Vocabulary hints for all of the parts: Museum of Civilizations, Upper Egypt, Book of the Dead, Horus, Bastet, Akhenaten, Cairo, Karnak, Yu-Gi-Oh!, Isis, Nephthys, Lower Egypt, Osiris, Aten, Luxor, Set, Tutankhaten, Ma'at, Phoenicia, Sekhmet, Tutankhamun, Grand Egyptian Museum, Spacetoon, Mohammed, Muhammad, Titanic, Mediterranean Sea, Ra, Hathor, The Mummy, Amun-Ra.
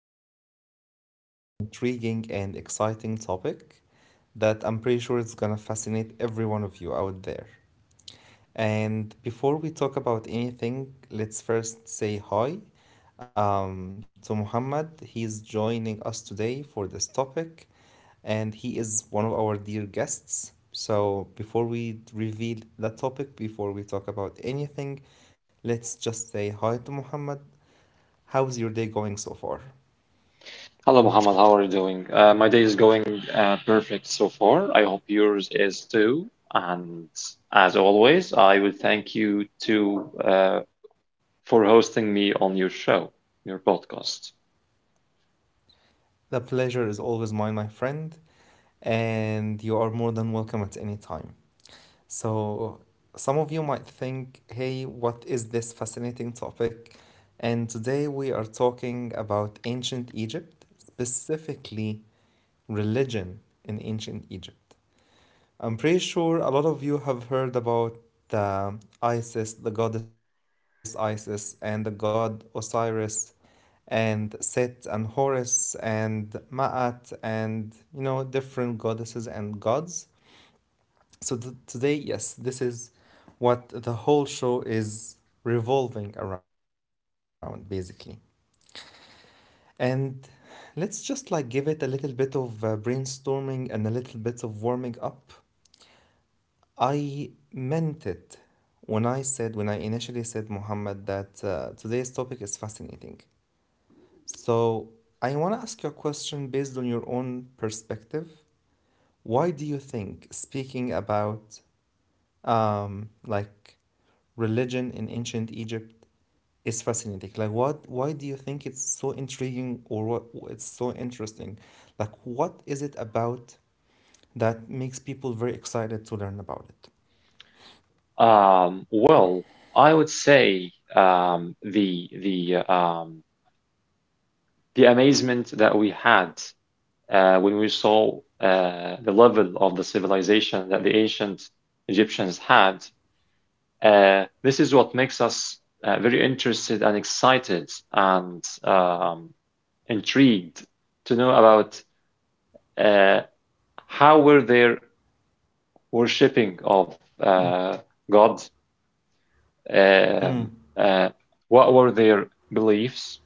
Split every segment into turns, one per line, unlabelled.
we are diving into a very intriguing and exciting topic that I'm pretty sure is gonna fascinate every one of you out there. And before we talk about anything, let's first say hi to Muhammad. He's joining us today for this topic, and he is one of our dear guests. So, before we reveal the topic, before we talk about anything, let's just say hi to Muhammad. How's your day going so far?
Hello, Muhammad. How are you doing? My day is going perfect so far. I hope yours is too. And as always, I would thank you to for hosting me on your show, your podcast.
The pleasure is always mine, my friend, and you are more than welcome at any time. So, some of you might think, hey, what is this fascinating topic? And today we are talking about ancient Egypt, specifically religion in ancient Egypt. I'm pretty sure a lot of you have heard about Isis, the goddess Isis, and the god Osiris, and Set, and Horus, and Ma'at, and you know, different goddesses and gods. So, today, yes, this is what the whole show is revolving around, basically. And let's just like give it a little bit of brainstorming and a little bit of warming up. I meant it when I said, when I initially said, Muhammad, that today's topic is fascinating. So, I want to ask you a question based on your own perspective. Why do you think speaking about like religion in ancient Egypt is fascinating? Like, what, why do you think it's so intriguing or what it's so interesting? Like, what is it about that makes people very excited to learn about it?
Well, I would say the the amazement that we had when we saw the level of the civilization that the ancient Egyptians had. This is what makes us very interested and excited and intrigued to know about uh, how were their worshipping of God, um,
Mm,
uh, what were their beliefs?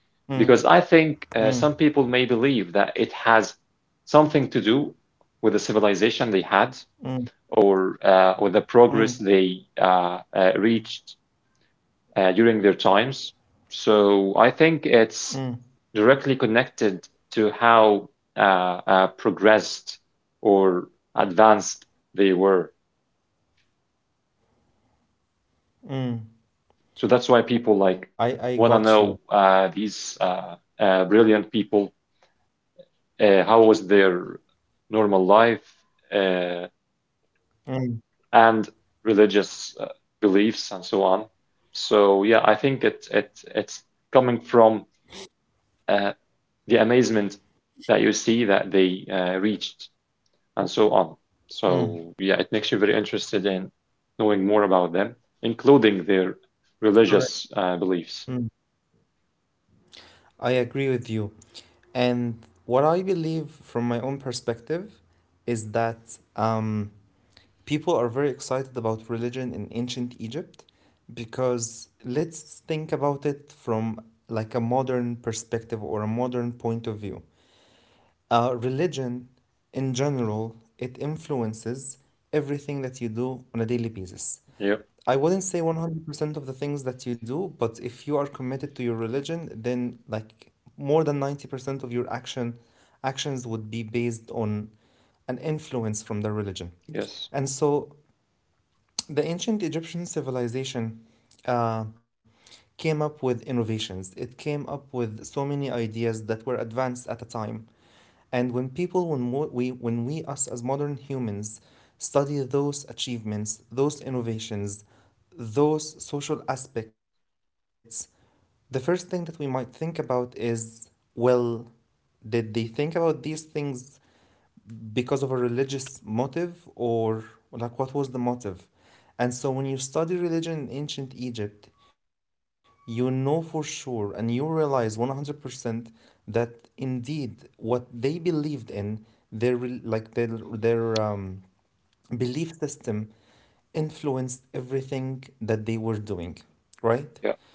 mm,
Because I think
mm.
some people may believe that it has something to do with the civilization they had,
mm.
or with the
Mm,
progress they reached during their times. So I think
mm,
it's directly connected to how progressed or advanced they were.
mm.
So that's why
I
people
I
like
got you.
want to know these brilliant people, how was their normal life uh,
Mm,
and religious beliefs and so on. So yeah, I think it's coming from uh, the amazement that you see that they reached and so on.
mm.
So yeah, it makes you very interested in knowing more about them, including their
Correct.
religious beliefs.
Mm. I agree with you. And what I believe from my own perspective is that people are very excited about religion in ancient Egypt, because let's think about it from like a modern perspective or a modern point of view. Religion in general, it influences everything that you do on a daily basis.
Yeah.
I wouldn't say 100% of the things that you do, but if you are committed to your religion, then like more than 90% of your actions would be based on an influence from their religion.
Yes.
And so the ancient Egyptian civilization uh, came up with innovations. It came up with so many ideas that were advanced at a time. And when people, when we, us as modern humans, study those achievements, those innovations, those social aspects, the first thing that we might think about is, well, did they think about these things because of a religious motive, or like what was the motive? And so when you study religion in ancient Egypt, you know for sure and you realize 100% that indeed what they believed in, their like their um, belief system influenced everything that they were doing,
Yeah.
right?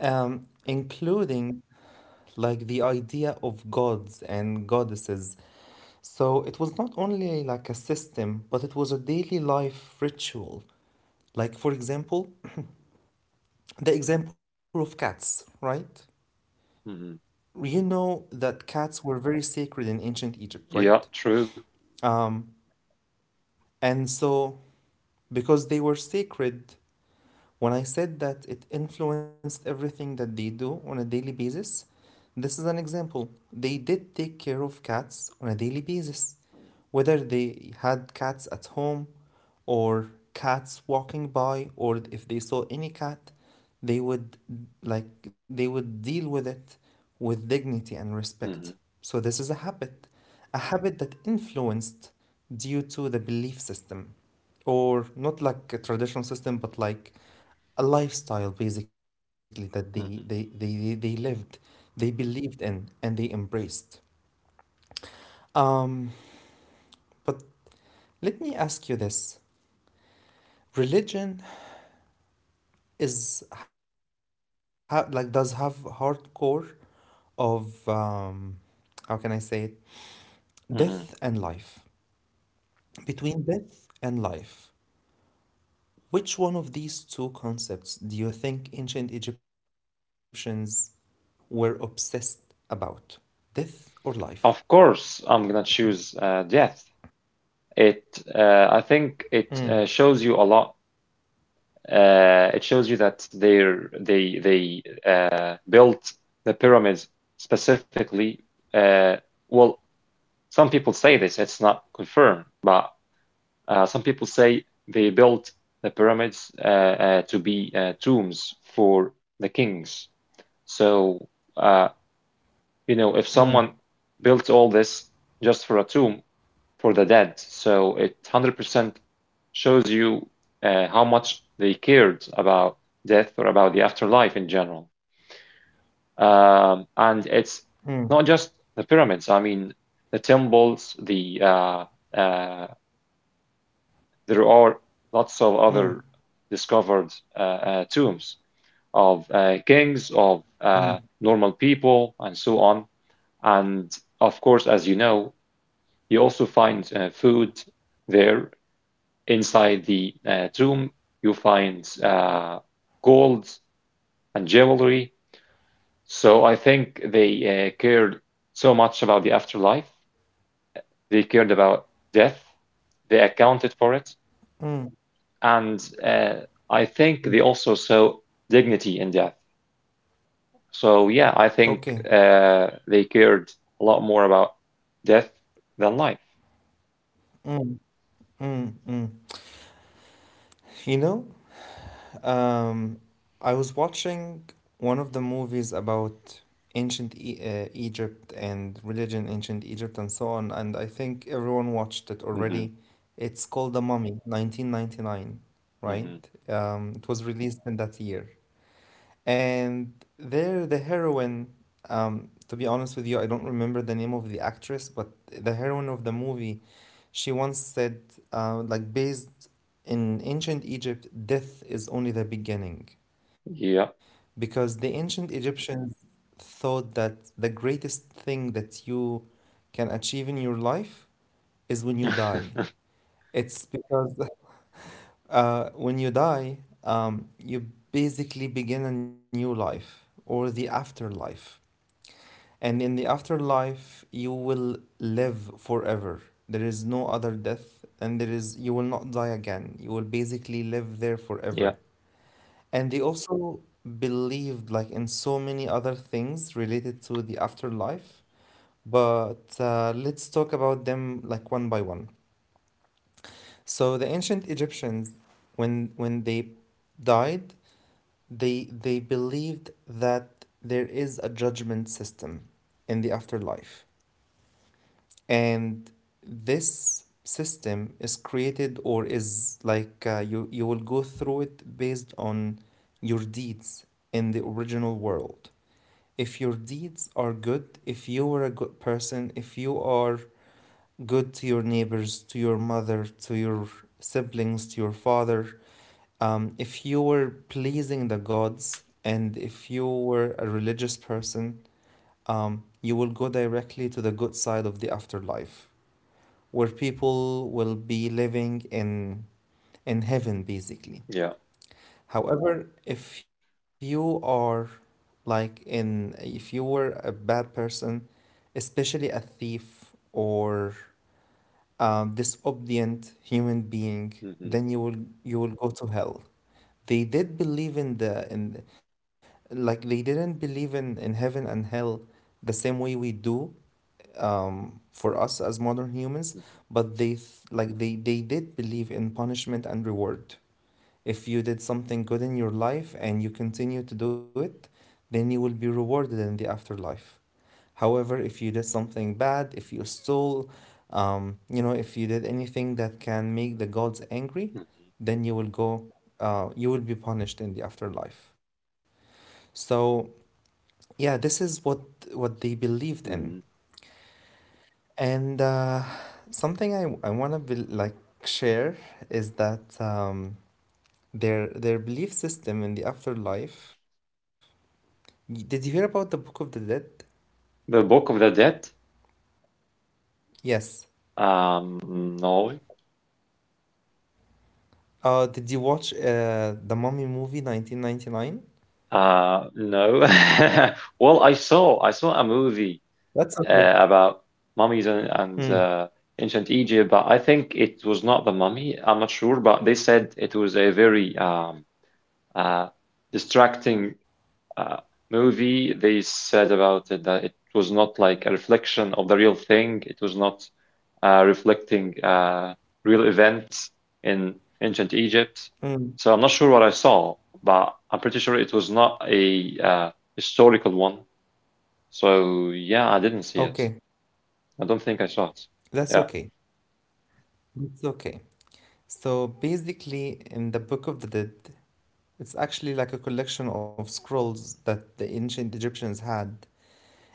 Including like the idea of gods and goddesses. So it was not only like a system, but it was a daily life ritual. Like, for example, the example of cats, right?
Hmm.
You know that cats were very sacred in ancient Egypt,
Yeah.
right?
True.
Um, and so, because they were sacred, when I said that it influenced everything that they do on a daily basis, this is an example. They did take care of cats on a daily basis, whether they had cats at home or cats walking by, or if they saw any cat, they would they would deal with it with dignity and respect.
Hmm.
So this is a habit that influenced due to the belief system, or not like a traditional system, but like a lifestyle, basically, that they they, they,
Hmm.
they they lived, they believed in, and they embraced. um but let me ask you this. Religion like does have hardcore of, how can I say it, death and life.
Hmm.
Between death and life, which one of these two concepts do you think ancient Egyptians were obsessed about, death or life?
Of course, I'm gonna choose death. It. I think
Mm,
it shows you a lot. It shows you that they built the pyramids specifically. Uh, well, some people say this; it's not confirmed, but some people say they built the pyramids to be tombs for the kings. So uh,
mm,
if someone built all this just for a tomb, for the dead. So it 100% shows you how much they cared about death or about the afterlife in general. And
mm,
it's not just the pyramids. I mean, the temples, the uh, there are lots of
mm.
other discovered tombs of kings, of
Mm,
normal people, and so on. And of course, as you know, you also find food there. Inside the tomb, you find gold and jewelry. So I think they cared so much about the afterlife. They cared about death. They accounted for it.
mm,
And I think
mm.
they also saw dignity in death. So yeah, I think
Okay.
they cared a lot more about death than life.
Mm, mm, mm. You know, um, I was watching one of the movies about ancient e Egypt and religion, ancient Egypt, and so on, and I think everyone watched it
Hmm.
already. It's called The Mummy, 1999,
Hmm.
right? It was released in that year. And there, the heroine, to be honest with you, I don't remember the name of the actress, but the heroine of the movie, she once said, like, based in ancient Egypt, death is only the beginning.
Yeah.
Because the ancient Egyptians thought that the greatest thing that you can achieve in your life is when you die. It's because when you die, you basically begin a new life, or the afterlife. And in the afterlife, you will live forever. There is no other death, and there is you will not die again. You will basically live there
Yeah.
forever. And they also believed like in so many other things related to the afterlife, but let's talk about them like one by one. So the ancient Egyptians, when they died, they believed that there is a judgment system in the afterlife. And this system is created, or is like, you will go through it based on your deeds in the original world. If your deeds are good, if you were a good person, if you are good to your neighbors, to your mother, to your siblings, to your father, if you were pleasing the gods and if you were a religious person, you will go directly to the good side of the afterlife, where people will be living in heaven, basically.
Yeah.
However, if you are like in if you were a bad person, especially a thief or disobedient human being,
Hmm.
then you will go to hell. They did believe in the in like they didn't believe in heaven and hell the same way we do, for us as modern humans, but like they did believe in punishment and reward. If you did something good in your life and you continue to do it, then you will be rewarded in the afterlife. However, if you did something bad, if you stole, if you did anything that can make the gods angry, then you will be punished in the afterlife. So yeah, this is what they believed in.
Hmm.
And something I want to be like share is that their belief system in the afterlife. Did you hear about the Book of the Dead?
The Book of the Dead.
Yes.
No.
Did you watch the Mummy movie 1999?
No. Well, I saw a
That's okay.
movie about mummies and,
Mm,
ancient Egypt, but I think it was not the mummy. I'm not sure, but they said it was a very uh, distracting uh, movie. They said about it that it was not like a reflection of the real thing. It was not reflecting real events in ancient Egypt.
mm.
So I'm not sure what I saw, but I'm pretty sure it was not a historical one. So yeah, I didn't see it.
Okay,
I don't think I saw it.
that's
Yeah.
okay. That's okay. So basically, in the Book of the Dead, it's actually like a collection of scrolls that the ancient Egyptians had,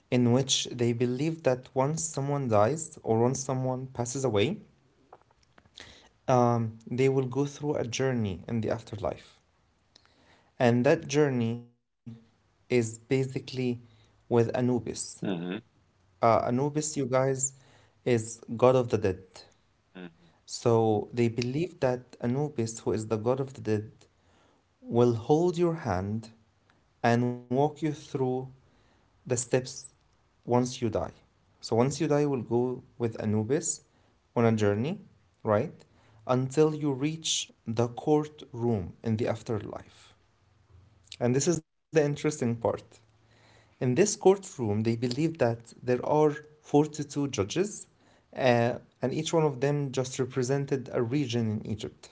in which they believe that once someone dies or once someone passes away, they will go through a journey in the afterlife. And that journey is basically with Anubis.
Hmm.
Anubis, you guys, is god of the dead. So they believe that Anubis, who is the god of the dead, will hold your hand and walk you through the steps once you die. So once you die, you will go with Anubis on a journey, right? Until you reach the courtroom in the afterlife. And this is the interesting part. In this courtroom, they believe that there are 42 judges, and each one of them just represented a region in Egypt.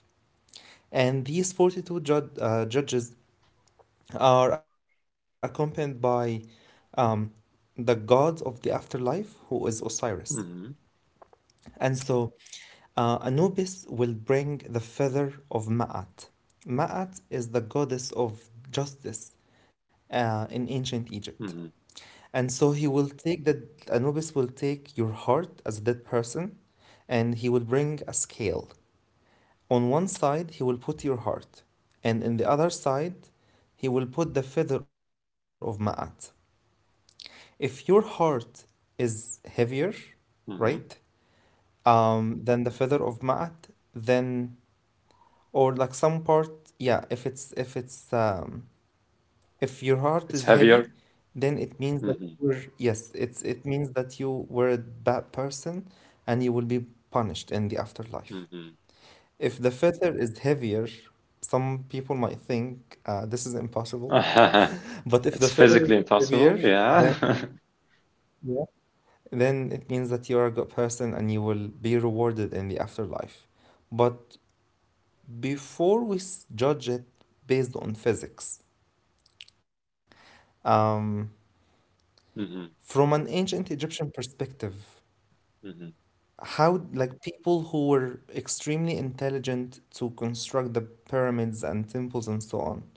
And these 42 judges are accompanied by um, the god of the afterlife, who is Osiris.
Hmm. hmm
And so Anubis will bring the feather of Ma'at. Ma'at is the goddess of justice in ancient Egypt.
hmm
And so he will take that, Anubis will take your heart as a dead person, and he will bring a scale. On one side, he will put your heart, and in the other side, he will put the feather of Ma'at. If your heart is heavier, right,
hmm
than the feather of Ma'at, then, or like some part, yeah, if it's if your heart
It's
is heavy,
heavier.
then it means that
Hmm
you're yes, it means that you were a bad person, and you will be punished in the afterlife.
hmm
If the feather is heavier, some people might think this is impossible. But if the
It's
feather is
physically
heavier,
impossible. Yeah.
then, yeah, then it means that you are a good person and you will be rewarded in the afterlife. But before we judge it based on physics, Um,
Mhm.
from an ancient Egyptian perspective,
Mhm,
how like people who were extremely intelligent to construct the pyramids and temples and so on,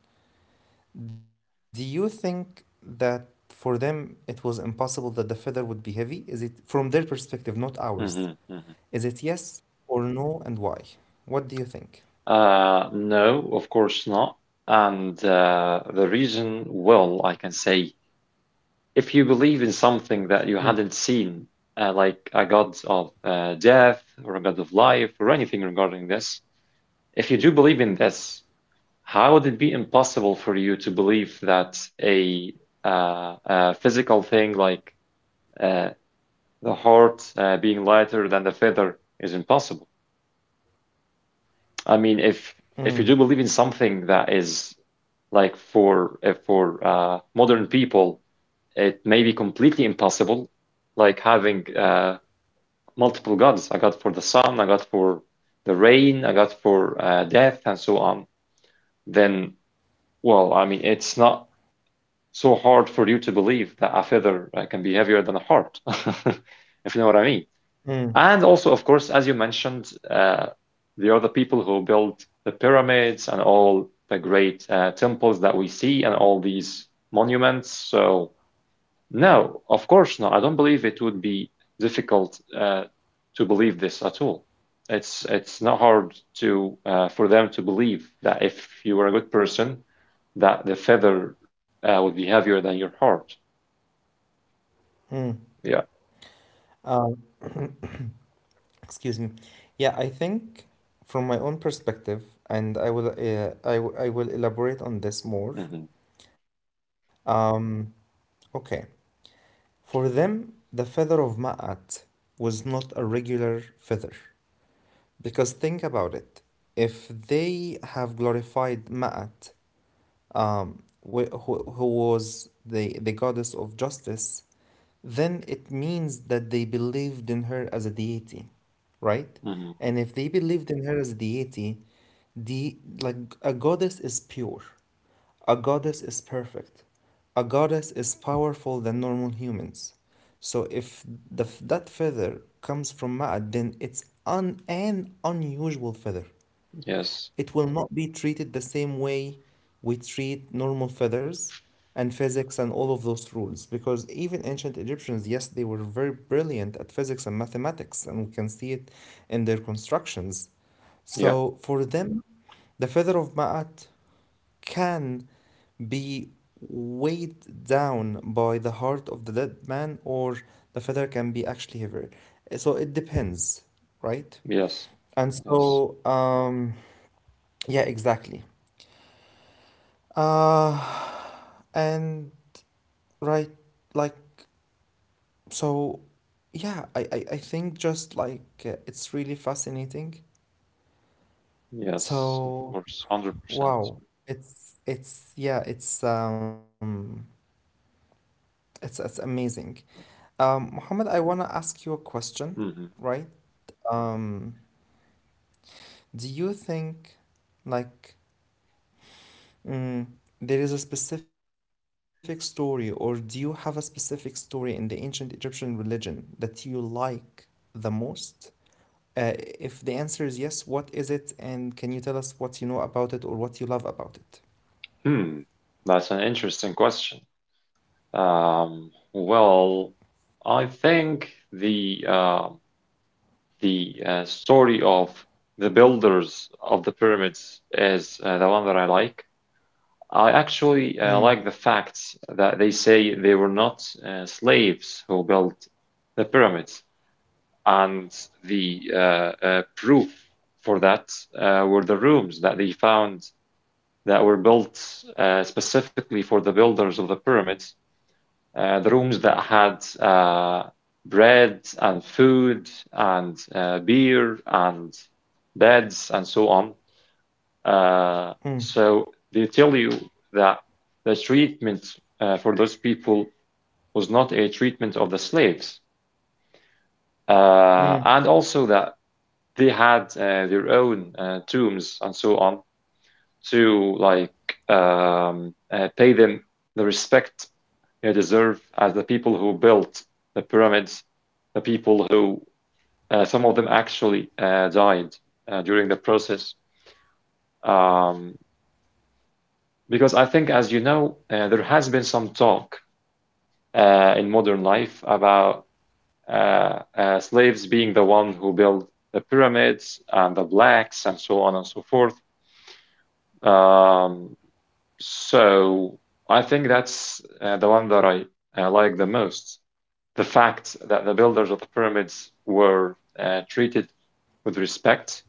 do you think that for them it was impossible that the feather would be heavy? Is it from their perspective, not ours?
mhm, mhm.
Is it yes or no, and why? What do you think?
No, of course not. And the reason, well, I can say, if you believe in something that you
Mm,
hadn't seen, like a god of death or a god of life or anything regarding this, if you do believe in this, how would it be impossible for you to believe that a physical thing like uh, the heart being lighter than the feather is impossible? I mean,
mm,
if you do believe in something that is like for modern people, it may be completely impossible, like having multiple gods. I got for the sun, I got for the rain, I got for death, and so on. Then, well, I mean, it's not so hard for you to believe that a feather can be heavier than a heart, if you know what I mean.
mm,
And also, of course, as you mentioned, there are the people who built the pyramids and all the great temples that we see and all these monuments. So, no, of course not. I don't believe it would be difficult to believe this at all. It's not hard to for them to believe that if you were a good person, that the feather would be heavier than your heart. Yeah.
mm. Excuse me. Yeah, I think from my own perspective, and I will I will elaborate on this more.
hmm
Um, okay. For them, the feather of Ma'at was not a regular feather. Because think about it. If they have glorified Ma'at, um, who was the goddess of justice, then it means that they believed in her as a deity, right?
hmm
And if they believed in her as a deity, The like a goddess is pure. A goddess is perfect. A goddess is powerful than normal humans. So if that feather comes from Ma'at, then it's an unusual feather.
Yes.
It will not be treated the same way we treat normal feathers and physics and all of those rules. Because even ancient Egyptians, yes, they were very brilliant at physics and mathematics, and we can see it in their constructions.
Yeah.
So for them, the feather of Ma'at can be weighed down by the heart of the dead man, or the feather can be actually heavier. So it depends, right?
Yes.
And
Yes.
so, um, yeah, exactly. Uh, and right, like, so, yeah, I think just like it's really fascinating.
Yes, of
So,
course, 100%.
wow, yeah, it's amazing. Mohammed, I want to ask you a question,
Hmm.
right? Um, do you think, like, mm, there is a specific story, or do you have a specific story in the ancient Egyptian religion that you like the most? Uh, if the answer is yes, what is it, and can you tell us what you know about it or what you love about it?
Hmm. That's an interesting question. Well, I think the story of the builders of the pyramids is the one that I like. I
Mm,
actually like the facts that they say they were not slaves who built the pyramids, and the proof for that were the rooms that they found that were built specifically for the builders of the pyramids. The rooms that had bread and food and beer and beds and so on.
mm,
So they tell you that the treatment for those people was not a treatment of the slaves,
mm,
and also that they had their own tombs and so on to like pay them the respect you deserve as the people who built the pyramids, the people who, some of them actually died during the process. Um, because I think, as you know, there has been some talk in modern life about slaves being the one who built the pyramids, and the blacks and so on and so forth. Um, so I think that's the one that I like the most, the fact that the builders of the pyramids were treated with respect,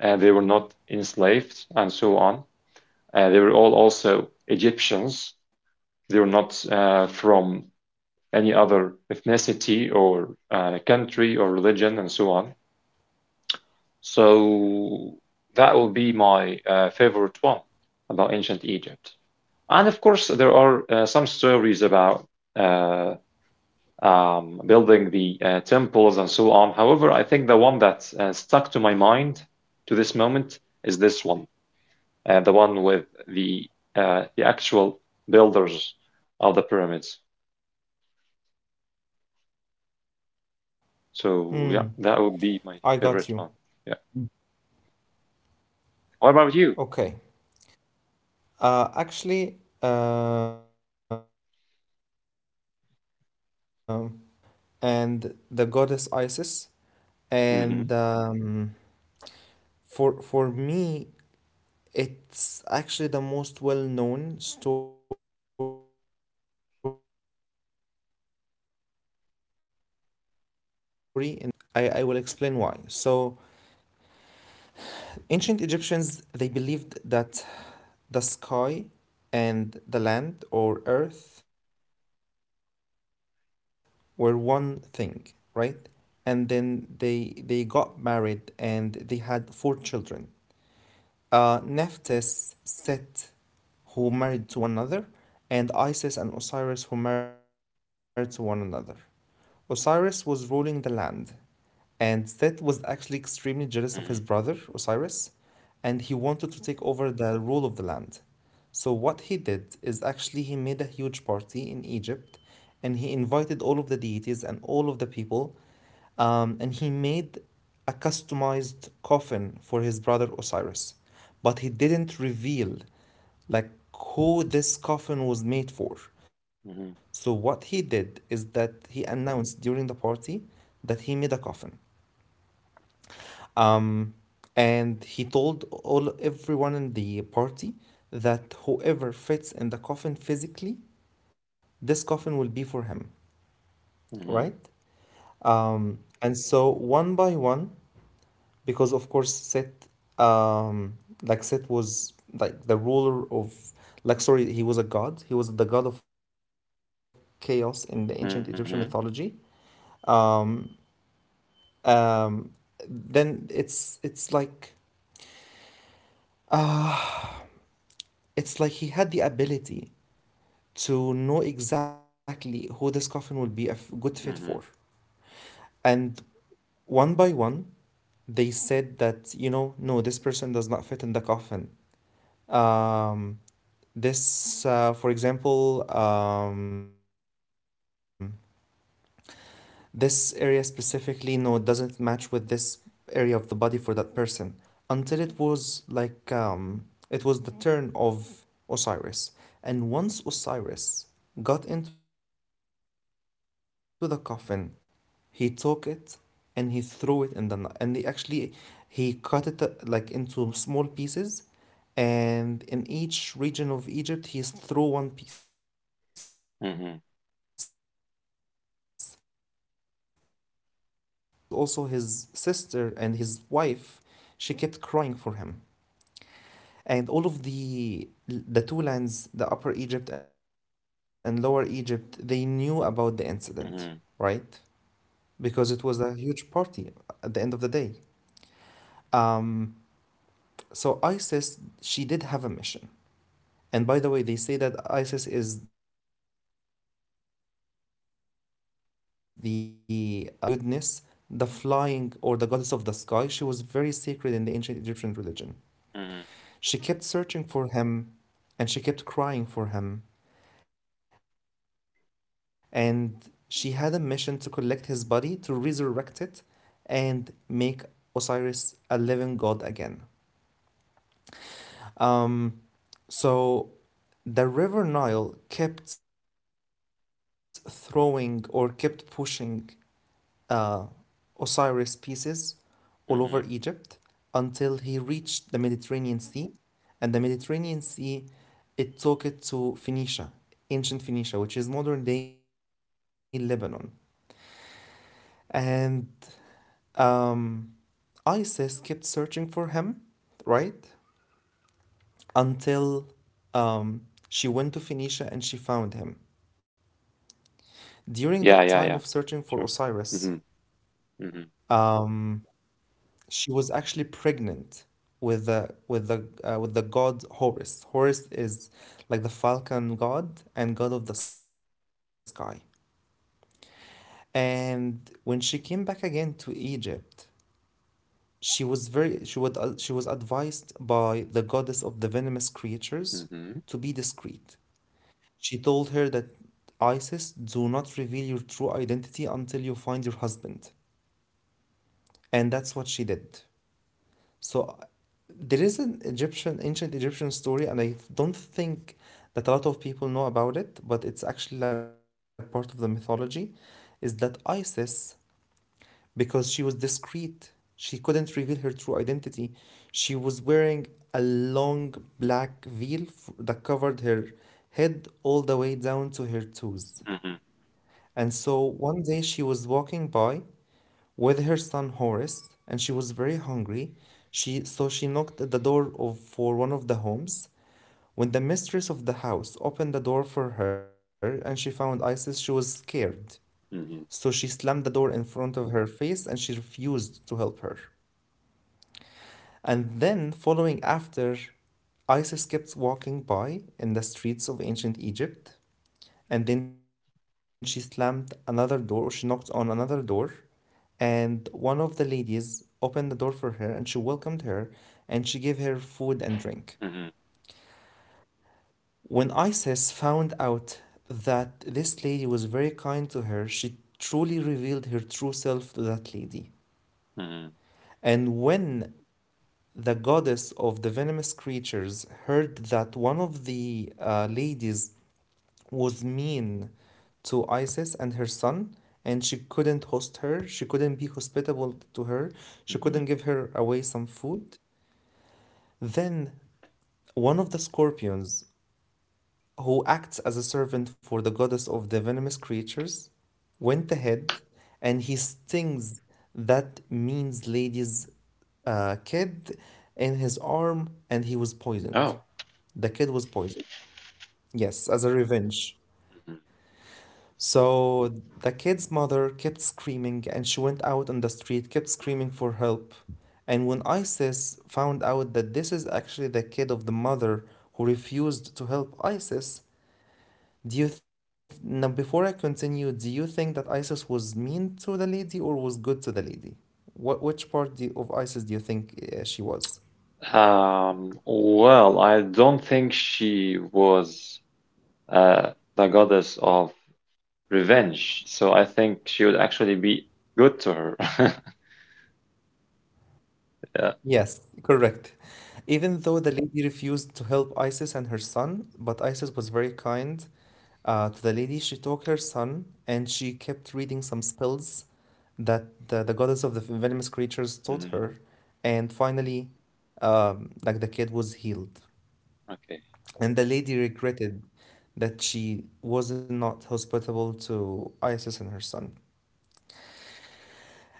they were not enslaved, and so on. They were all also Egyptians. They were not from any other ethnicity or country or religion, and so on. So that will be my favorite one about ancient Egypt. And of course, there are some stories about uh, building the temples and so on. However, I think the one that stuck to my mind to this moment is this one, the one with the actual builders of the pyramids.
mm. I
So
got
yeah,
you.
that would be my favorite one. Yeah. What
Okay.
about you?
Uh, actually, um My favorite one is about the god Osiris and the goddess Isis.
Mm-hmm.
And for me, it's actually the most well-known story in the ancient Egyptian religion. And I will explain why. So, ancient Egyptians, they believed that the sky and the land or earth were one thing, right? And then they got married and they had four children. Nephthys, Set, who married to one another, and Isis and Osiris, who married to one another. Osiris was ruling the land, and Set was actually extremely jealous of his brother, Osiris,
Mm-hmm.
and he wanted to take over the rule of the land. So what he did is actually he made a huge party in Egypt and he invited all of the deities and all of the people, and he made a customized coffin for his brother Osiris. But he didn't reveal like who this coffin was made for. So
Mm-hmm.
what he did is that he announced during the party that he made a coffin, um, and he told all everyone in the party that whoever fits in the coffin physically, this coffin will be for him, right?
Mm-hmm.
And so one by one, because of course Set, um, like Set was like the ruler of, like sorry, he was a god. He was the god of chaos in the ancient Egyptian
Mm-hmm.
mythology. Um, um, then it's Ah, it's like he had the ability to know exactly who this coffin will be a good fit for.
Mm-hmm.
And one by one, they said that, you know, no, this person does not fit in the coffin. Um, for example, um, this area specifically, no, it doesn't match with this area of the body for that person. Until it was like, it was the turn of Osiris. And once Osiris got into the coffin, said directly, closed the coffin, he took it and he threw it in the ni- and he actually he cut it like into small pieces and in each region of Egypt he threw one piece. And of course, since Isis was also his sister and his wife, she kept crying for him. And all of the two lands, the Upper Egypt and Lower Egypt, they knew about the incident,
Mm-hmm.
right? Because it was a huge party at the end of the day. Um, So Isis, she did have a mission. And by the way, they say that Isis is the giving goddess, the goddess of goodness, the flying or the goddess of the sky. She was very sacred in the ancient Egyptian
Mm-hmm.
religion. She kept searching for him and she kept crying for him. And she had a mission to collect his body, to resurrect it, and make Osiris a living god again. Um, so the River Nile kept throwing or kept pushing uh, Osiris pieces all over
Mm-hmm.
Egypt until he reached the Mediterranean Sea. And the Mediterranean Sea, it took it to Phoenicia, ancient Phoenicia, which is modern day Lebanon. And um, Isis kept searching for him, right?
Yeah. Um,
Until
well, I think it's
um,
a,
she went
a
to
very
Phoenicia and she
interesting
found him.
story, to be honest with you.
During
Yeah,
that
yeah, yeah.
time of searching
Sure.
for
Mm-hmm.
Osiris,
Mm-hmm.
Um, she was actually pregnant with the god Horus. Horus is like the falcon god and god of the sky. And when she came back again to Egypt, she was very she would she was advised by the goddess of the venomous creatures
Mm-hmm.
to be discreet. She told her that Isis, do not reveal your true identity until you find your husband. And that's what she did. So there is an Egyptian, ancient Egyptian story, and I don't think that a lot of people know about it, but it's actually like part of the mythology, is that Isis, because she was discreet, she couldn't reveal her true identity. She was wearing a long black veil that covered her head all the way down to her toes. And so one day she was walking by with her son Horace, and she was very hungry. So she knocked at the door of, for one of the homes. When the mistress of the house opened the door for her and she found Isis, she was scared. So
Mm-hmm.
she slammed the door in front of her face and she refused to help her. And then, following after, Isis kept walking by in the streets of ancient Egypt. And then she slammed another door, or she knocked on another door, and one of the ladies opened the door for her and she welcomed her and she gave her food and drink.
Mm-hmm.
When Isis found out that this lady was very kind to her, she truly revealed her true self to that lady.
Mm-hmm.
And when the goddess of the venomous creatures heard that one of the ladies was mean to Isis and her son, and she couldn't host her, she couldn't be hospitable to her, she
Mm-hmm.
couldn't give her away some food, then, one of the scorpions, who acts as a servant for the goddess of the venomous creatures, went ahead and he stings that means lady's kid in his arm and he was poisoned.
Oh.
The kid was poisoned. Yes, as a revenge. So the kid's mother kept screaming and she went out on the street, kept screaming for help. And when Isis found out that this is actually the kid of the mother who refused to help Isis, now before I continue, do you think that Isis was mean to the lady or was good to the lady? What which part of Isis do you think she was?
Mhm. Well, I don't think she was uh, the goddess of revenge, so I think she would actually be good to her.
Yes,
Yeah.
correct. Even though the lady refused to help Isis and her son, but Isis was very kind. To the lady, she took her son, and she kept reading some spells that the goddess of the venomous creatures taught her.
Mhm.
And finally, like the kid was healed.
Okay.
And the lady regretted that she was not hospitable to Isis and her son.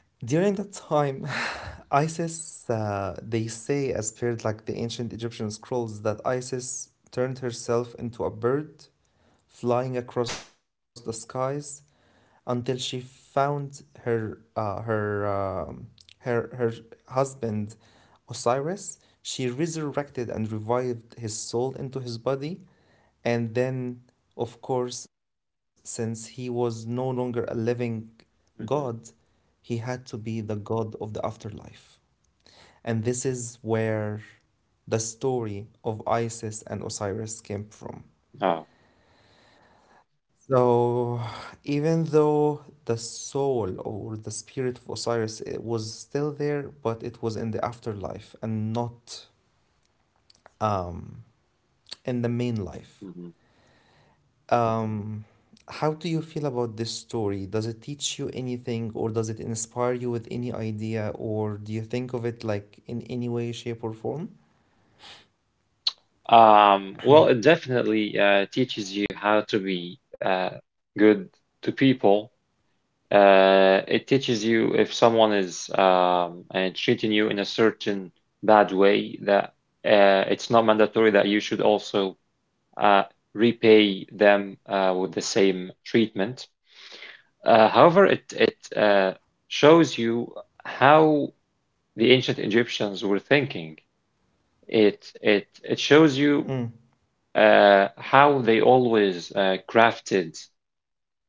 During that time, Isis, they say, as per like the ancient Egyptian scrolls, that Isis turned herself into a bird flying across the skies until she found her her her husband Osiris. She resurrected and revived his soul into his body, and then, of course, since he was no longer a living god,
Mhm.
he had to be the god of the afterlife. And this is where the story of Isis and Osiris came from.
Oh.
So, even though the soul or the spirit of Osiris was still there, but it was in the afterlife and not um, in the main life.
Mm-hmm.
Um, how do you feel about this story? Does it teach you anything, or does it inspire you with any idea, or do you think of it like in any way, shape, or form?
Well, it definitely teaches you how to be good to people. It teaches you if someone is treating you in a certain bad way that it's not mandatory that you should also uh, repay them with the same treatment. However, it shows you how the ancient Egyptians were thinking. It it
Mm,
it shows you how they always crafted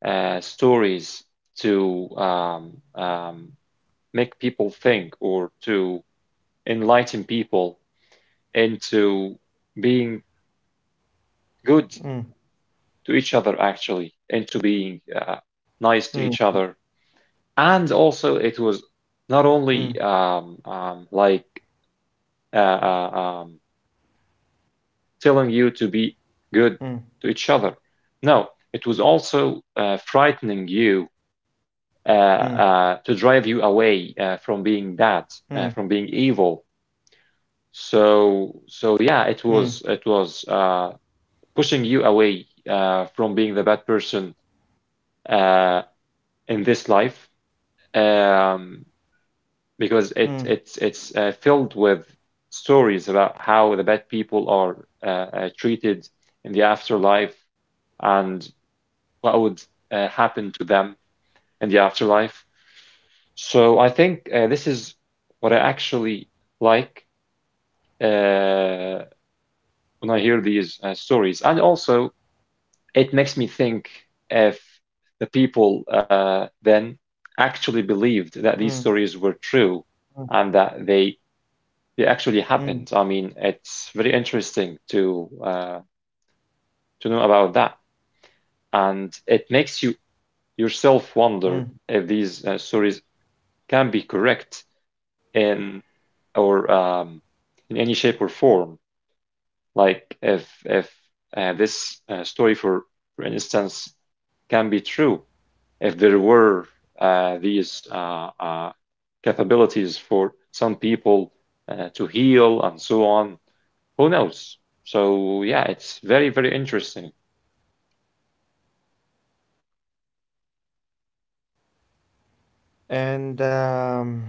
stories to um, make people think or to enlighten people into being good
mm,
to each other — actually,
mm,
into being nice to each other. And also,
mm,
it was not only like uh, uh, um, telling you to be good to each other. No, it was also
mm,
frightening you,
mm,
to
mm,
drive you away from being bad, from being evil.
mm,
So yeah, it was pushing you away from being the bad person uh, in this life, um,
mm,
because it's filled with stories about how the bad people are treated in the afterlife, and what would happen to them and the afterlife. So I think this is what I actually like uh, when I hear these stories. And also, it makes me think if the people then
mm, mm, mm, mm.
actually believed that these
mm.
stories were true, and that they
mm,
they actually happened. I mean, it's very interesting to know about that, and it makes
mm.
you yourself wonder if these stories can be correct in, or in any shape or form.
Mm,
Like if this story, for instance, can be true, if there were these capabilities for some people to heal and so on, who knows? So yeah, it's very very interesting.
okay, got it, got it. And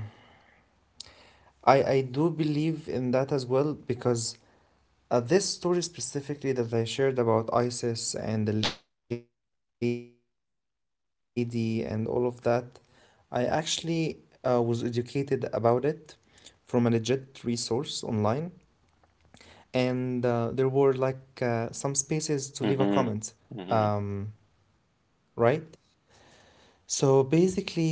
I do believe in that as well because this story specifically that I shared about ISIS and the lady and all of that, I actually was educated about it from a legit resource online, and there were like some spaces to leave a comment,
Hmm.
um,
Hmm.
right? So basically,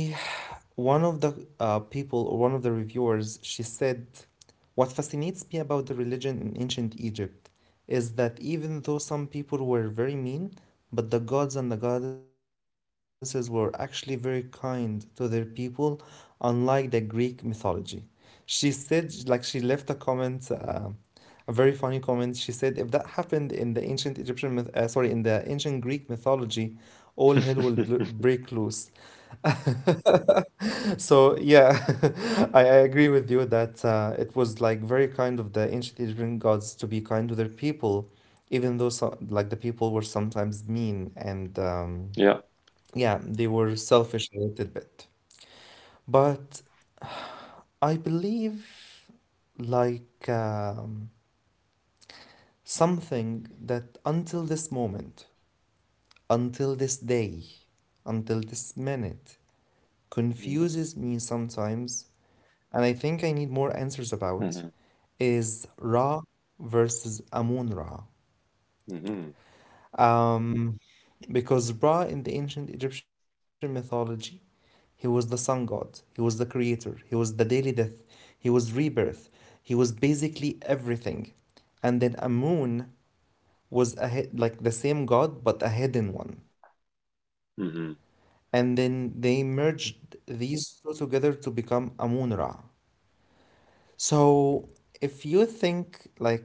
one of the people or one of the reviewers, she said, what fascinates me about the religion in ancient Egypt is that even though some people were very mean, but the gods and the goddesses were actually very kind to their people, unlike the Greek mythology. She said, like, she left a comment, a very funny comment. She said, if that happened in the ancient Egyptian myth, sorry, in the ancient Greek mythology, all hell will break loose. So yeah, I agree with you that it was like very kind of the ancient Egyptian gods to be kind to their people, even though so, like the people were sometimes mean and
Yeah.
yeah, they were selfish a little bit. But I believe like something that until this moment, until this day, until this minute confuses
Hmm.
me sometimes, and I think I need more answers about
Hmm.
is Ra versus Amun Ra.
Hmm.
Um, because Ra in the ancient Egyptian mythology, he was the sun god, he was the creator, he was the daily death, he was rebirth, he was basically everything. And then Amun was a like the same god but a hidden one. And
Hmm.
then they merged these two together to become Amun Ra. So if you think like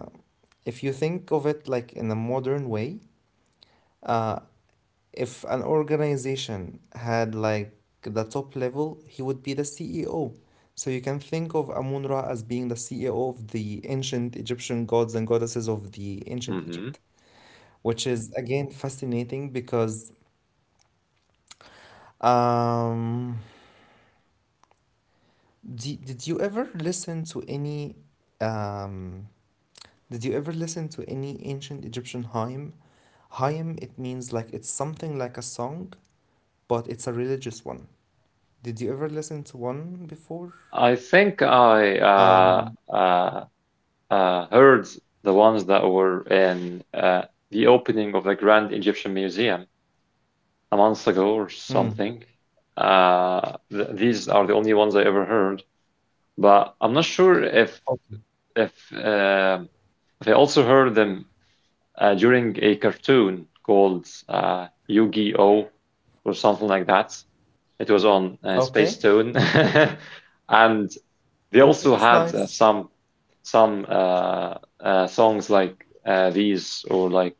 if you think of it like in a modern way, Uh, if an organization had like the top level, he would be the CEO. So you can think of Amun-Ra as being the CEO of the ancient Egyptian gods and goddesses of the ancient
Hmm.
Egypt, which is again fascinating because um, did you ever listen to any um, did you ever listen to any ancient Egyptian hymn? Hymn, it means like it's something like a song, but it's a religious one. Did you ever listen to one before?
I think I
Um,
heard the ones that were in the opening of the Grand Egyptian Museum a month ago or
mm,
something. Th these are the only ones I ever heard, but I'm not sure
okay.
if uh, if I also heard them during a cartoon called Yu-Gi-Oh! Or something like that. It was on
Okay.
Spacetoon, and they
Okay,
also
that's
had
nice.
some songs like these or like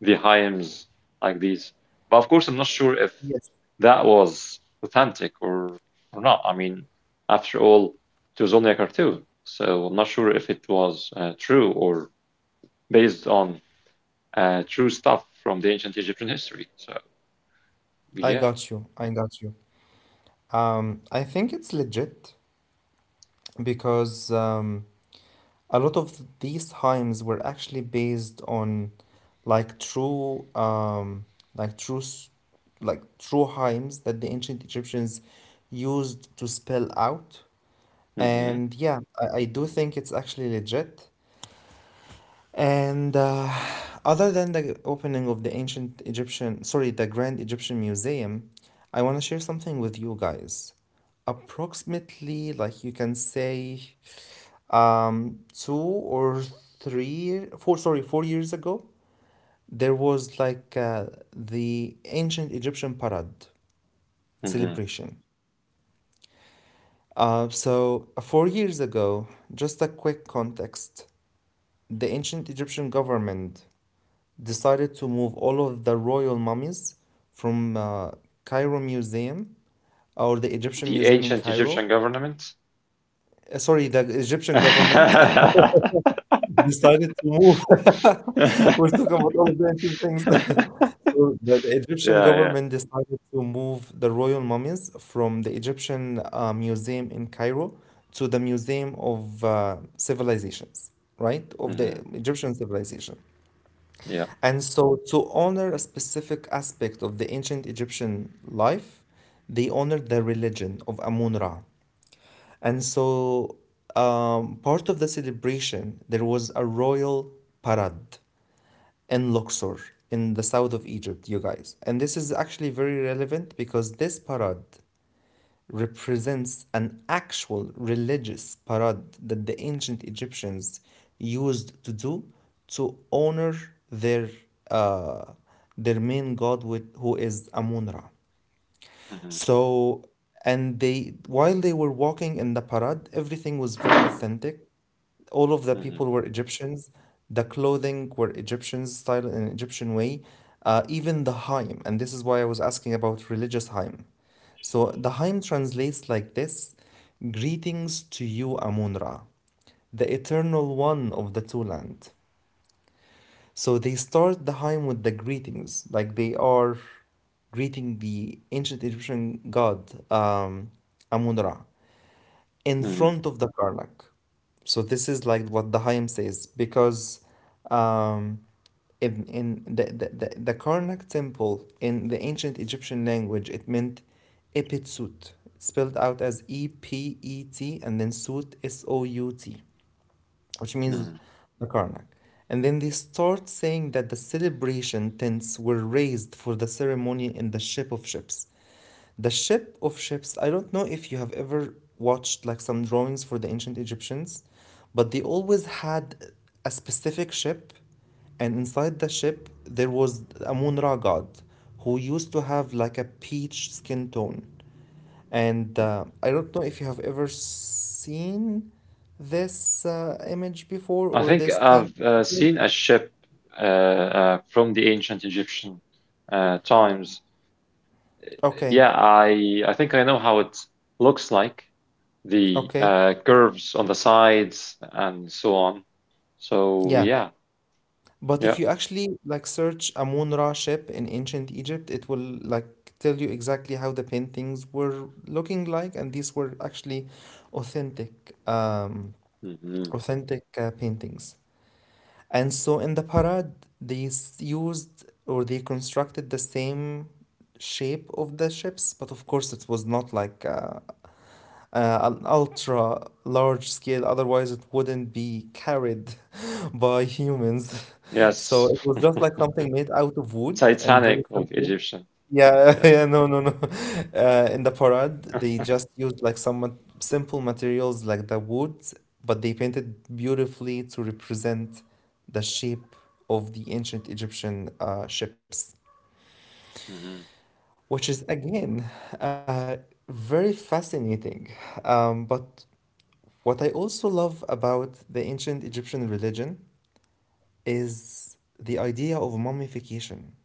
the hymns like these. But of course, I'm not sure if
Yes.
that was authentic or not. I mean, after all, it was only a cartoon, so I'm not sure if it was true or based on true stuff from the ancient Egyptian history. So
I
yeah.
got you. I got you. I think it's legit because a lot of these hymns were actually based on like true, like like true hymns that the ancient Egyptians used to spell out.
Hmm.
And yeah, I do think it's actually legit. And other than the opening of the ancient Egyptian — sorry — the Grand Egyptian Museum, I want to share something with you guys. Approximately, like you can say, two or three, four, sorry, four years ago, there was like the ancient Egyptian parade
Hmm.
celebration. So, four years ago, just a quick context, the ancient Egyptian government decided to move all of the royal mummies from Cairo Museum or the Egyptian
The
Museum in
ancient
Cairo.
Egyptian government.
Sorry, the Egyptian government
Yeah,
decided to move. We're talking about all of the ancient things. So the Egyptian
yeah.
government decided to move the royal mummies from the Egyptian Museum in Cairo to the Museum of Civilizations, right? Of the
Hmm.
Egyptian civilization.
Yeah.
And so, to honor a specific aspect of the ancient Egyptian life, they honored the religion of Amun Ra. And so, part of the celebration, there was a royal parade in Luxor, in the south of Egypt, you guys. And this is actually very relevant because this parade represents an actual religious parade that the ancient Egyptians used to do to honor their uh, their main god with, who is Amun Ra.
Hmm.
So, and they, while they were walking in the parade, everything was very authentic. All of the
Hmm.
people were Egyptians. The clothing were Egyptian style in an Egyptian way. Even the Haim, and this is why I was asking about religious Haim. So the Haim translates like this: "Greetings to you, Amun-Ra, the eternal one of the two land." So they start the hymn with the greetings, like they are greeting the ancient Egyptian god um, Amun Ra in
Hmm.
front of the Karnak. So this is like what the hymn says because um, in the Karnak temple in the ancient Egyptian language it meant Epitsut, spelled out as EPET and then Sut SOUT, which
Hmm.
means the Karnak. And then they start saying that the celebration tents were raised for the ceremony in the ship of ships. The ship of ships, I don't know if you have ever watched like some drawings for the ancient Egyptians, but they always had a specific ship, and inside the ship there was a Amun Ra god who used to have like a peach skin tone. And I don't know if you have ever seen this image before
I
or
think
this
I've
paint.
seen a ship from the ancient Egyptian times.
Okay,
Yeah, I think I know how it looks like, the
okay,
curves on the sides and so on. So
yeah.
yeah,
But
yeah.
if you actually like search Amun Ra ship in ancient Egypt, it will like tell you exactly how the paintings were looking like, and these were actually authentic,
Hmm.
authentic paintings. And so in the parade, they used or they constructed the same shape of the ships, but of course it was not like an ultra large scale, otherwise, it wouldn't be carried by humans. So
Yes.
it was just like something made out of wood and very
Titanic of the
simple.
Egyptian.
Yeah,
Yeah.
yeah, no, no, no. In the parade, they just used like some simple materials like the wood, but they painted beautifully to represent the shape of the ancient Egyptian ships,
Hmm.
which is again uh, very fascinating. But what I also love about the ancient Egyptian religion is the idea of mummification,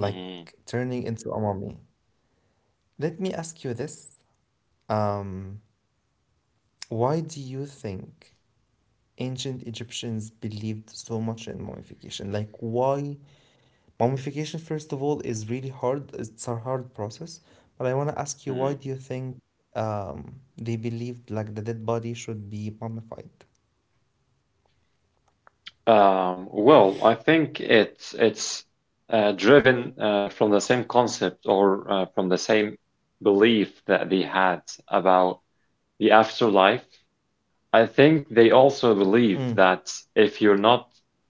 like
Hmm.
turning into a mummy. Let me ask you this. Um, why do you think ancient Egyptians believed so much in mummification? Like, why? Mummification, first of all, is really hard. It's a hard process. But I want to ask you, why
Hmm.
do you think they believed like the dead body should be mummified?
Well, I think it's driven from the same concept or from the same belief that they had about the afterlife. I think they also believe
Mm,
that if you're not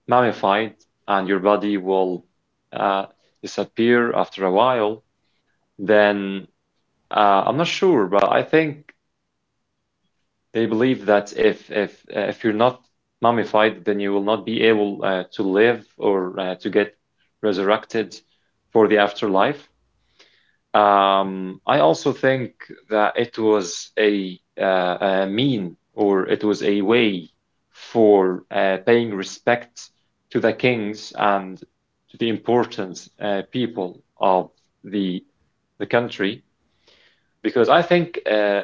mummified and your body will uh, disappear after a while, then I'm not sure, but I think they believe that if you're not mummified, then you will not be able to live or to get resurrected for the afterlife. I also think that it was a mean or it was a way for paying respect to the kings and to the important people of the the country because I think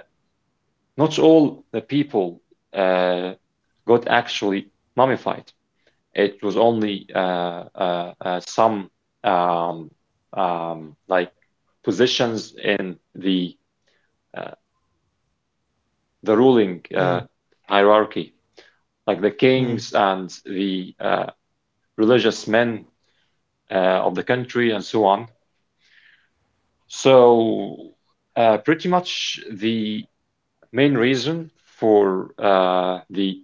not all the people uh, got actually mummified. It was only some um, like positions in uh, the ruling
mm,
hierarchy, like the
mm,
kings and the religious men of the country and so on. So pretty much the main reason for the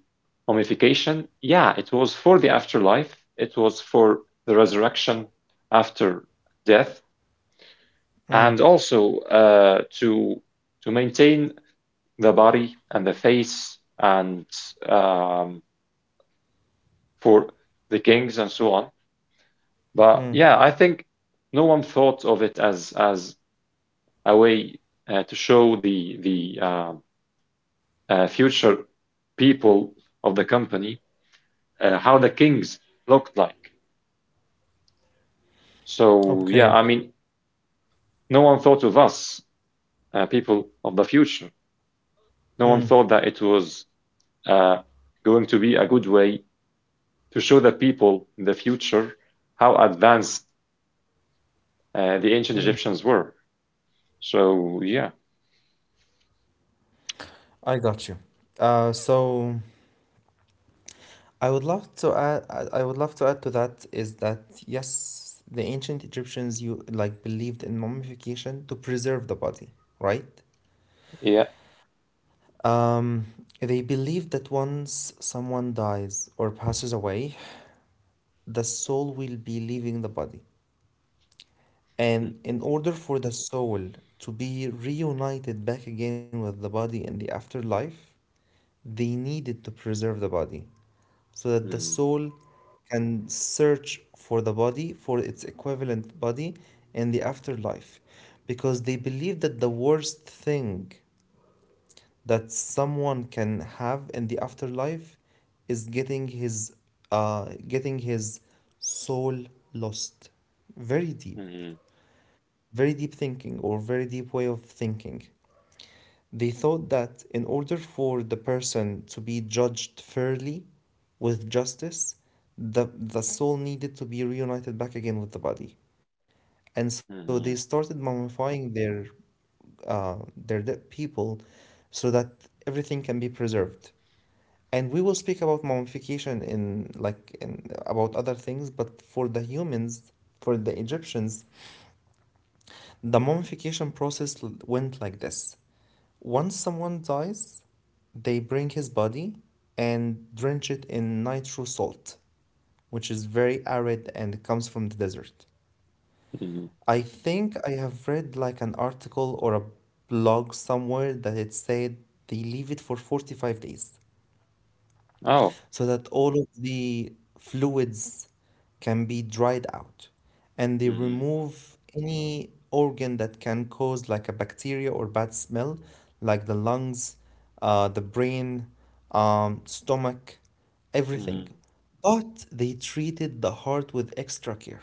homification? Yeah, it was for the afterlife. It was for the resurrection after death,
mm,
and also to maintain the body and the face, and um, for the kings and so on. But
mm.
yeah, I think no one thought of it as a way to show the future people of the company how the kings looked like. So
Okay.
yeah, I mean, no one thought of us, people of the future. No one
Mm,
thought that it was uh, going to be a good way to show the people in the future how advanced the ancient
mm.
Egyptians were. So yeah,
I got you. So, I would love to add. I would love to add to that is that yes, the ancient Egyptians you like believed in mummification to preserve the body, right?
yeah.
Um, they believed that once someone dies or passes away, the soul will be leaving the body, and in order for the soul to be reunited back again with the body in the afterlife, they needed to preserve the body so that the
Mhm,
soul can search for the body, for its equivalent body in the afterlife. Because they believe that the worst thing that someone can have in the afterlife is getting his soul lost. Very deep,
mhm,
very deep thinking or very deep way of thinking. They thought that in order for the person to be judged fairly with justice, the soul needed to be reunited back again with the body. And so they
mhm,
started
mhm,
mummifying their dead people so that everything can be preserved. And we will speak about mummification in like in about other things, but for the humans, for the Egyptians, the mummification process went like this. Once someone dies, they bring his body and drench it in nitro salt, which is very arid and comes from the desert.
mhm.
I think I have read like an article or a blog somewhere that it said they leave it for 45 days,
Oh,
so that all of the fluids can be dried out and they
mhm,
remove any organ that can cause like a bacteria or bad smell, like the lungs, the brain, stomach, everything.
mhm.
But they treated the heart with extra care.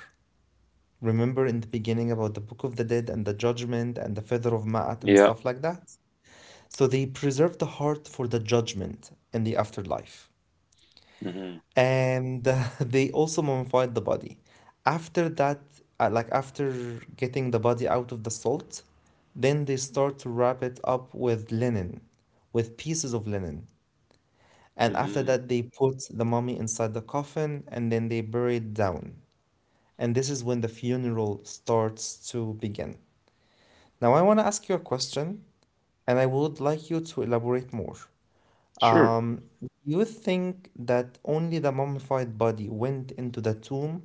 Remember in the beginning about the book of the dead and the judgment and the feather of ma'at and
Yeah,
stuff like that, so they preserved the heart for the judgment in the afterlife.
mhm,
And they also mummified the body. After that, like after getting the body out of the salt, then they start to wrap it up with linen, with pieces of linen. And after
mhm.
that, they put the mummy inside the coffin and then they bury it down. And this is when the funeral starts to begin. Now, I want to ask you a question and I would like you to elaborate more.
Sure.
Do you think that only the mummified body went into the tomb,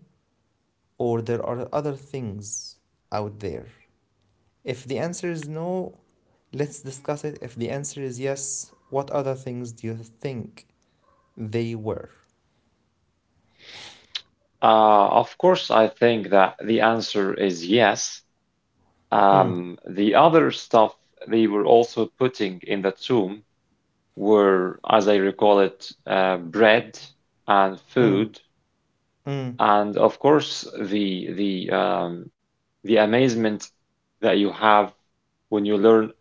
or there are other things out there? If the answer is no, let's discuss it. If the answer is yes, what other things do you think they were?
Of course, I think that the answer is yes.
Mm,
The other stuff they were also putting in the tomb were, as I recall it, bread and
mm,
food,
mm,
and of course the the amazement that you have when you learn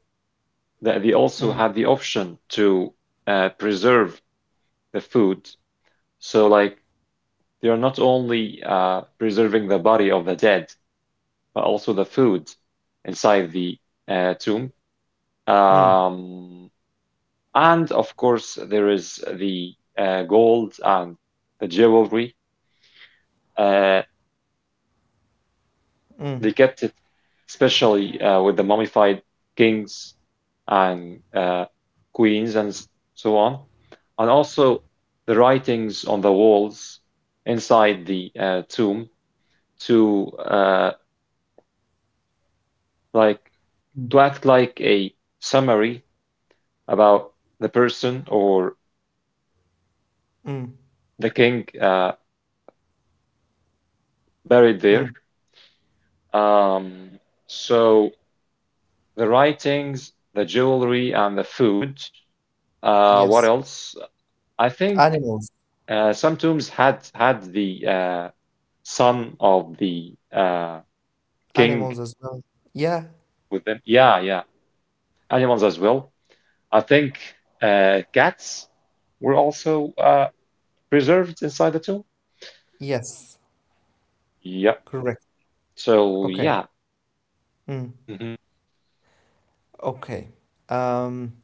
that they also
mm,
had the option to preserve the food. So like they are not only preserving the body of the dead, but also the food inside the tomb.
mm,
Um, And of course, there is the gold and the jewelry. Uh,
mm,
they kept it especially with the mummified kings and queens and so on. And also the writings on the walls inside the tomb to like
mm,
to act like a summary about the person or
mm.
the king buried there.
Mm.
Um, so the writings, the jewelry, and the food. What
Yes.
else? I think
Animals.
some tombs had the son of the king
Animals as well. Yeah.
with them. Yeah, yeah. Animals as well. I think cats were also preserved inside the tomb.
Yes.
Yep.
Correct.
So
Okay.
yeah.
Mm.
Hmm.
Okay. Um,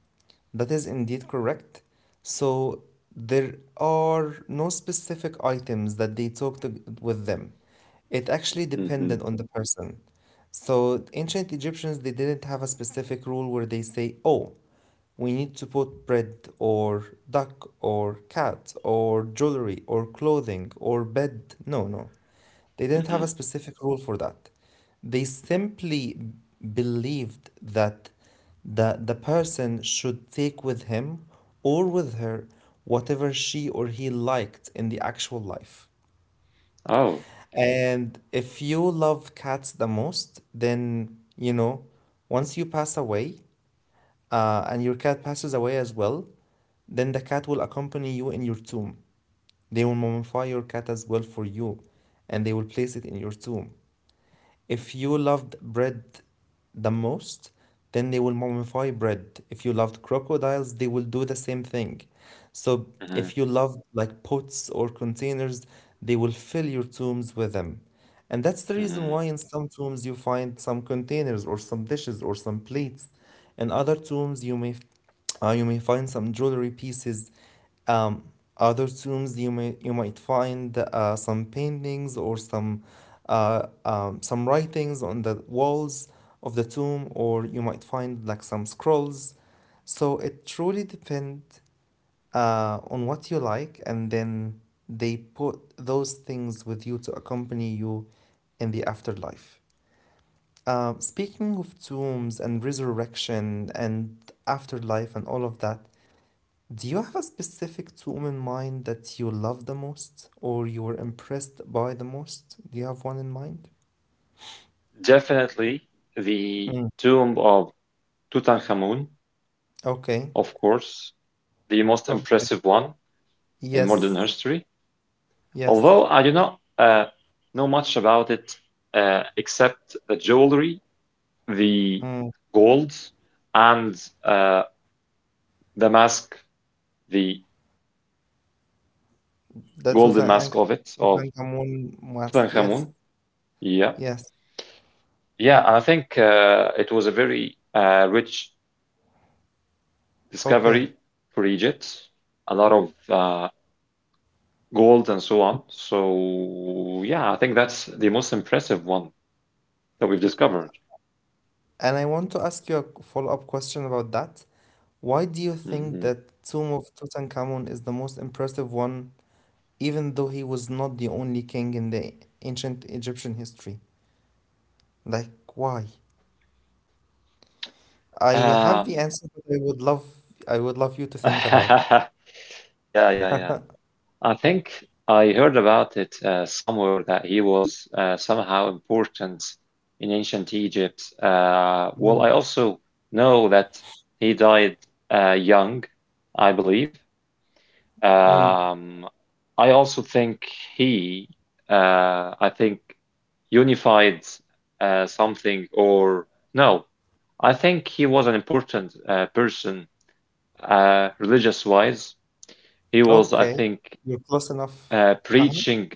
that is indeed correct. So there are no specific items that they took to, with them. It actually depended
Hmm.
on the person. So ancient Egyptians, they didn't have a specific rule where they say, oh, we need to put bread or duck or cat or jewelry or clothing or bed. No, no. They didn't have a
Hmm.
specific rule for that. They simply believed that the person should take with him or with her whatever she or he liked in the actual life.
Oh.
And if you love cats the most, then, you know, once you pass away and your cat passes away as well, then the cat will accompany you in your tomb. They will mummify your cat as well for you, and they will place it in your tomb. If you loved bread the most, then they will mummify bread. If you loved crocodiles, they will do the same thing. So if you
Hmm.
loved like pots or containers, they will fill your tombs with them. And that's the reason why in
Hmm.
some tombs you find some containers or some dishes or some plates. In other tombs you may find some jewelry pieces, um, other tombs you may you might find some paintings or some writings on the walls of the tomb, or you might find like some scrolls. So it truly depends on what you like, and then they put those things with you to accompany you in the afterlife. Speaking of tombs and resurrection and afterlife and all of that, do you have a specific tomb in mind that you love the most or you were impressed by the most? Do you have one in mind?
Definitely the
Mm.
tomb of Tutankhamun,
Okay.
of course, the most
Okay.
impressive one in modern
Yes.
history.
Yes.
Although I do not know much about it except the jewelry, the
Mm.
gold, and uh, the mask, the
The
golden
Tutank
mask of it, of
Tutankhamun mask. Yes.
Tutankhamun. Yeah.
Yes.
Yeah, and I think it was a very rich
Okay.
discovery for Egypt, a lot of gold and so on. So, yeah, I think that's the most impressive one that we've discovered.
And I want to ask you a follow-up question about that. Why do you think
Mhm.
that Tomb of Tutankhamun is the most impressive one, even though he was not the only king in the ancient Egyptian history? Like, why? I have the
Um,
answer, but I would love you to think about it.
yeah, yeah, yeah. I think I heard about it somewhere that he was somehow important in ancient Egypt. Well,
Mm.
I also know that he died young, I believe.
Mm.
Um, I also think he, I think, unified something. Or no, I think he was an important person, religious wise. He was, I
Okay.
think,
You're close enough. Uh-huh.
preaching,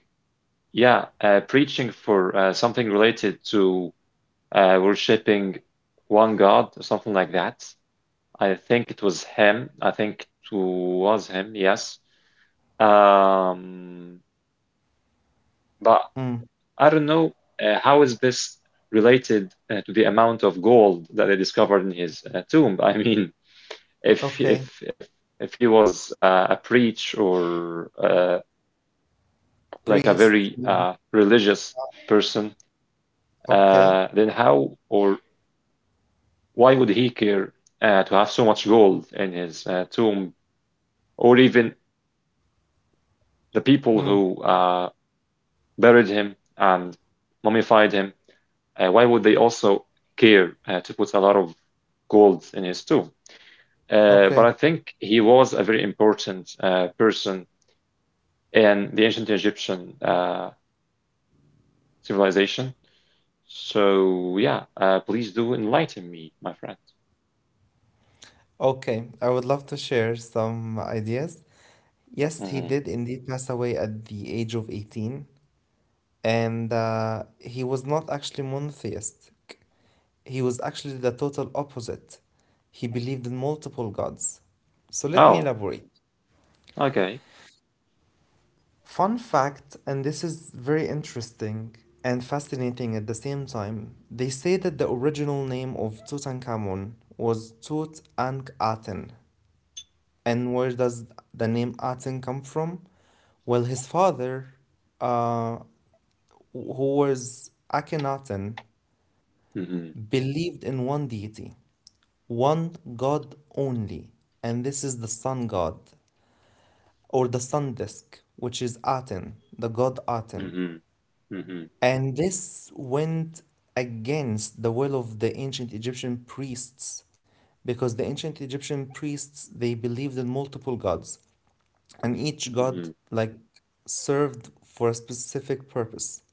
yeah, preaching for something related to worshiping one God or something like that. I think it was him. I think it was him, yes. Um, but
Mm.
I don't know how is this related to the amount of gold that they discovered in his tomb. I mean, if if
Okay.
if if he was a preach or like a
Priest.
very
Mhm.
religious person,
Okay.
then how or why would he care to have so much gold in his tomb, or even the people
Mm.
who buried him and mummified him? Why would they also care to put a lot of gold in his tomb? But I
Okay.
think he was a very important person in the ancient Egyptian civilization. So yeah, please do enlighten me, my friend.
Okay. I would love to share some ideas. Yes, he
Hmm.
did indeed pass away at the age of 18, and he was not actually monotheistic. He was actually the total opposite. He believed in multiple gods. So let me
Oh,
elaborate.
okay.
Fun fact, and this is very interesting and fascinating at the same time, they say that the original name of Tutankhamun was Tut Ankh Aten. And where does the name Aten come from? Well, his father, uh, who was Akhenaten,
Hmm.
believed in one deity, one god only, and this is the sun god, or the sun disk, which is Aten, the god Aten.
Hmm. Hmm.
And this went against the will of the ancient Egyptian priests because the ancient Egyptian priests, they believed in multiple gods, and each god
Hmm.
like served for a specific purpose.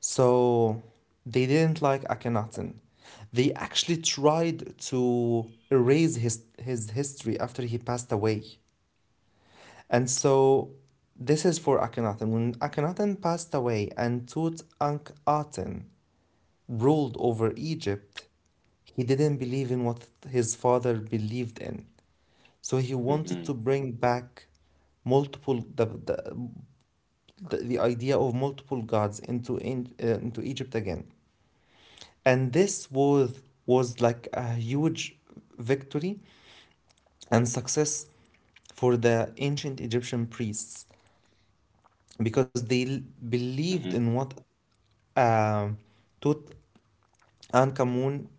So they didn't like Akhenaten. They actually tried to erase his history after he passed away. And so this is for Akhenaten. When Akhenaten passed away and Tutankhaten ruled over Egypt, he didn't believe in what his father believed in. So he wanted
Hmm.
to bring back multiple the idea of multiple gods into Egypt again. And this was like a huge victory and success for the ancient Egyptian priests because
Hmm.
believed in what a tot- and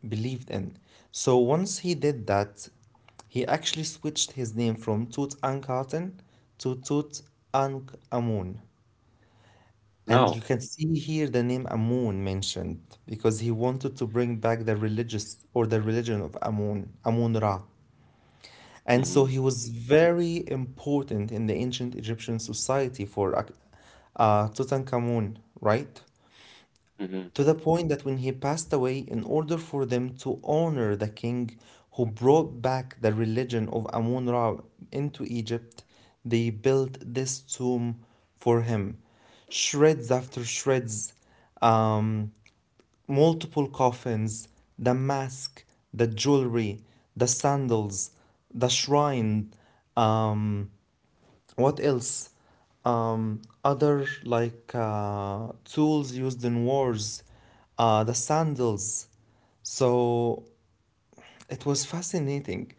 believed in. So once he did that, he actually switched his name from Tutankhaten to Tutankhamun.
Oh.
And you can see here the name Amun mentioned because he wanted to bring back the religious or the religion of Amun, Amun Ra. And so
Hmm.
he was very important in the ancient Egyptian society for Tutankhamun, right?
Hmm.
To the point that when he passed away, in order for them to honor the king who brought back the religion of Amun Ra into Egypt, they built this tomb for him. Shreds after shreds, um, multiple coffins, the mask, the jewelry, the sandals, the shrine. Um, what else other like tools used in wars, the sandals, so it was fascinating.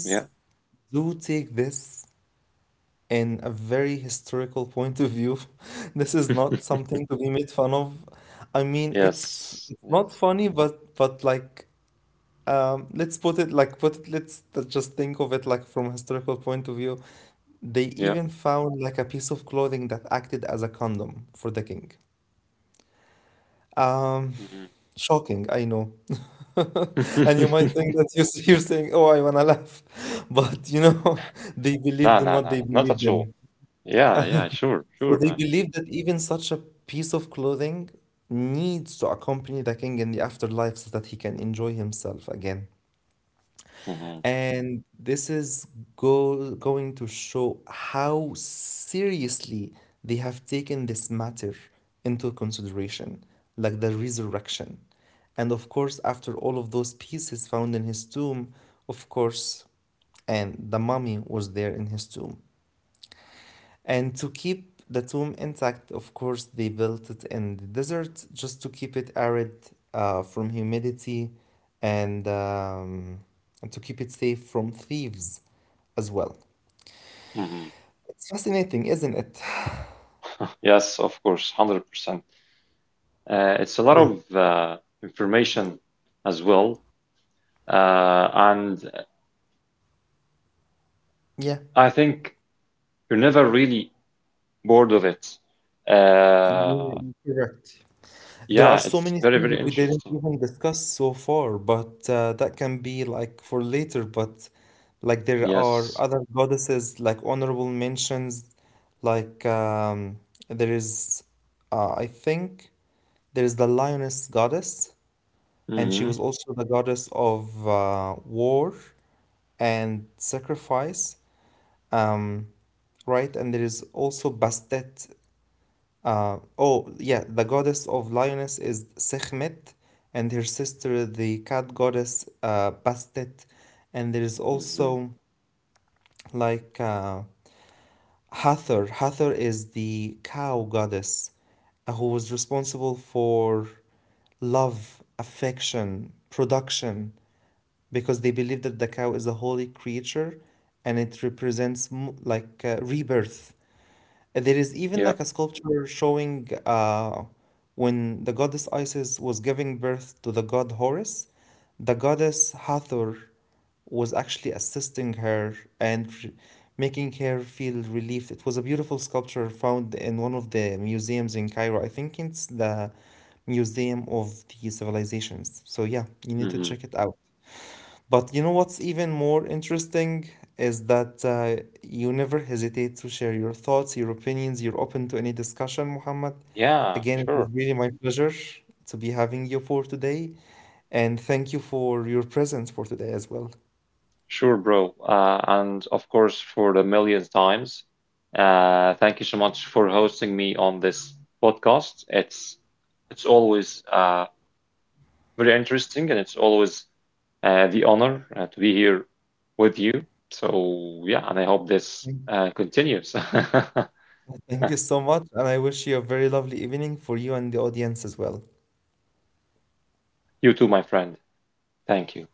Yeah.
do take this in a very historical point of view. This is not something to be made fun of. I mean, it's
Yes.
not
Yes.
funny, but like, let's put it like put it let's t- just think of it like from a historical point of view. They
Yeah.
even found like a piece of clothing that acted as a condom for the king. Um,
Hmm.
shocking, I know. And you might think that you're saying, "Oh, I wanna laugh," but you know, they
No, no,
believed in
no, no,
what they
not at
believed
all.
in.
Yeah, yeah, sure, sure,
So they
man.
believed that even such a piece of clothing needs to accompany the king in the afterlife so that he can enjoy himself again.
Hmm.
And this is go going to show how seriously they have taken this matter into consideration, like the resurrection. And of course, after all of those pieces found in his tomb, of course, and the mummy was there in his tomb. And to keep the tomb intact, of course, they built it in the desert just to keep it arid from humidity and, um, and to keep it safe from thieves as well.
Hmm.
It's fascinating, isn't it?
Yes, of course, 100%. It's a lot
Yeah.
of information as well. And
Yeah,
I think you're never really bored of it. Uh,
you're correct. There are
yeah,
so
it's
many
very,
things
very
that we didn't
interesting.
even discuss so far, but that can be like for later. But like there are
Yes.
other goddesses, like honorable mentions, like there is, I think there is the lioness goddess, and she
Hmm.
was also the goddess of war and sacrifice. Um, right, and there is also Bastet, oh, yeah, the goddess of lioness is Sekhmet, and her sister, the cat goddess, Bastet. And there is
Hmm.
also like Hathor. Hathor is the cow goddess who was responsible for love, affection, production, because they believe that the cow is a holy creature and it represents like rebirth. There is even
Yeah.
like a sculpture showing when the goddess Isis was giving birth to the god Horus, the goddess Hathor was actually assisting her and making her feel relieved. It was a beautiful sculpture found in one of the museums in Cairo. I think it's the Museum of the Civilizations. So, yeah, you need to
Hmm.
check it out. But you know what's even more interesting is that you never hesitate to share your thoughts, your opinions. You're open to any discussion, Muhammad.
Yeah,
Again, it was
sure.
really my pleasure to be having you for today. And thank you for your presence for today as well.
Sure, bro. And of course, for the millionth times, thank you so much for hosting me on this podcast. It's always very interesting, and it's always the honor to be here with you. So yeah, and I hope this
Thank
continues.
Thank you so much. And I wish you a very lovely evening for you and the audience as well.
You too, my friend. Thank you.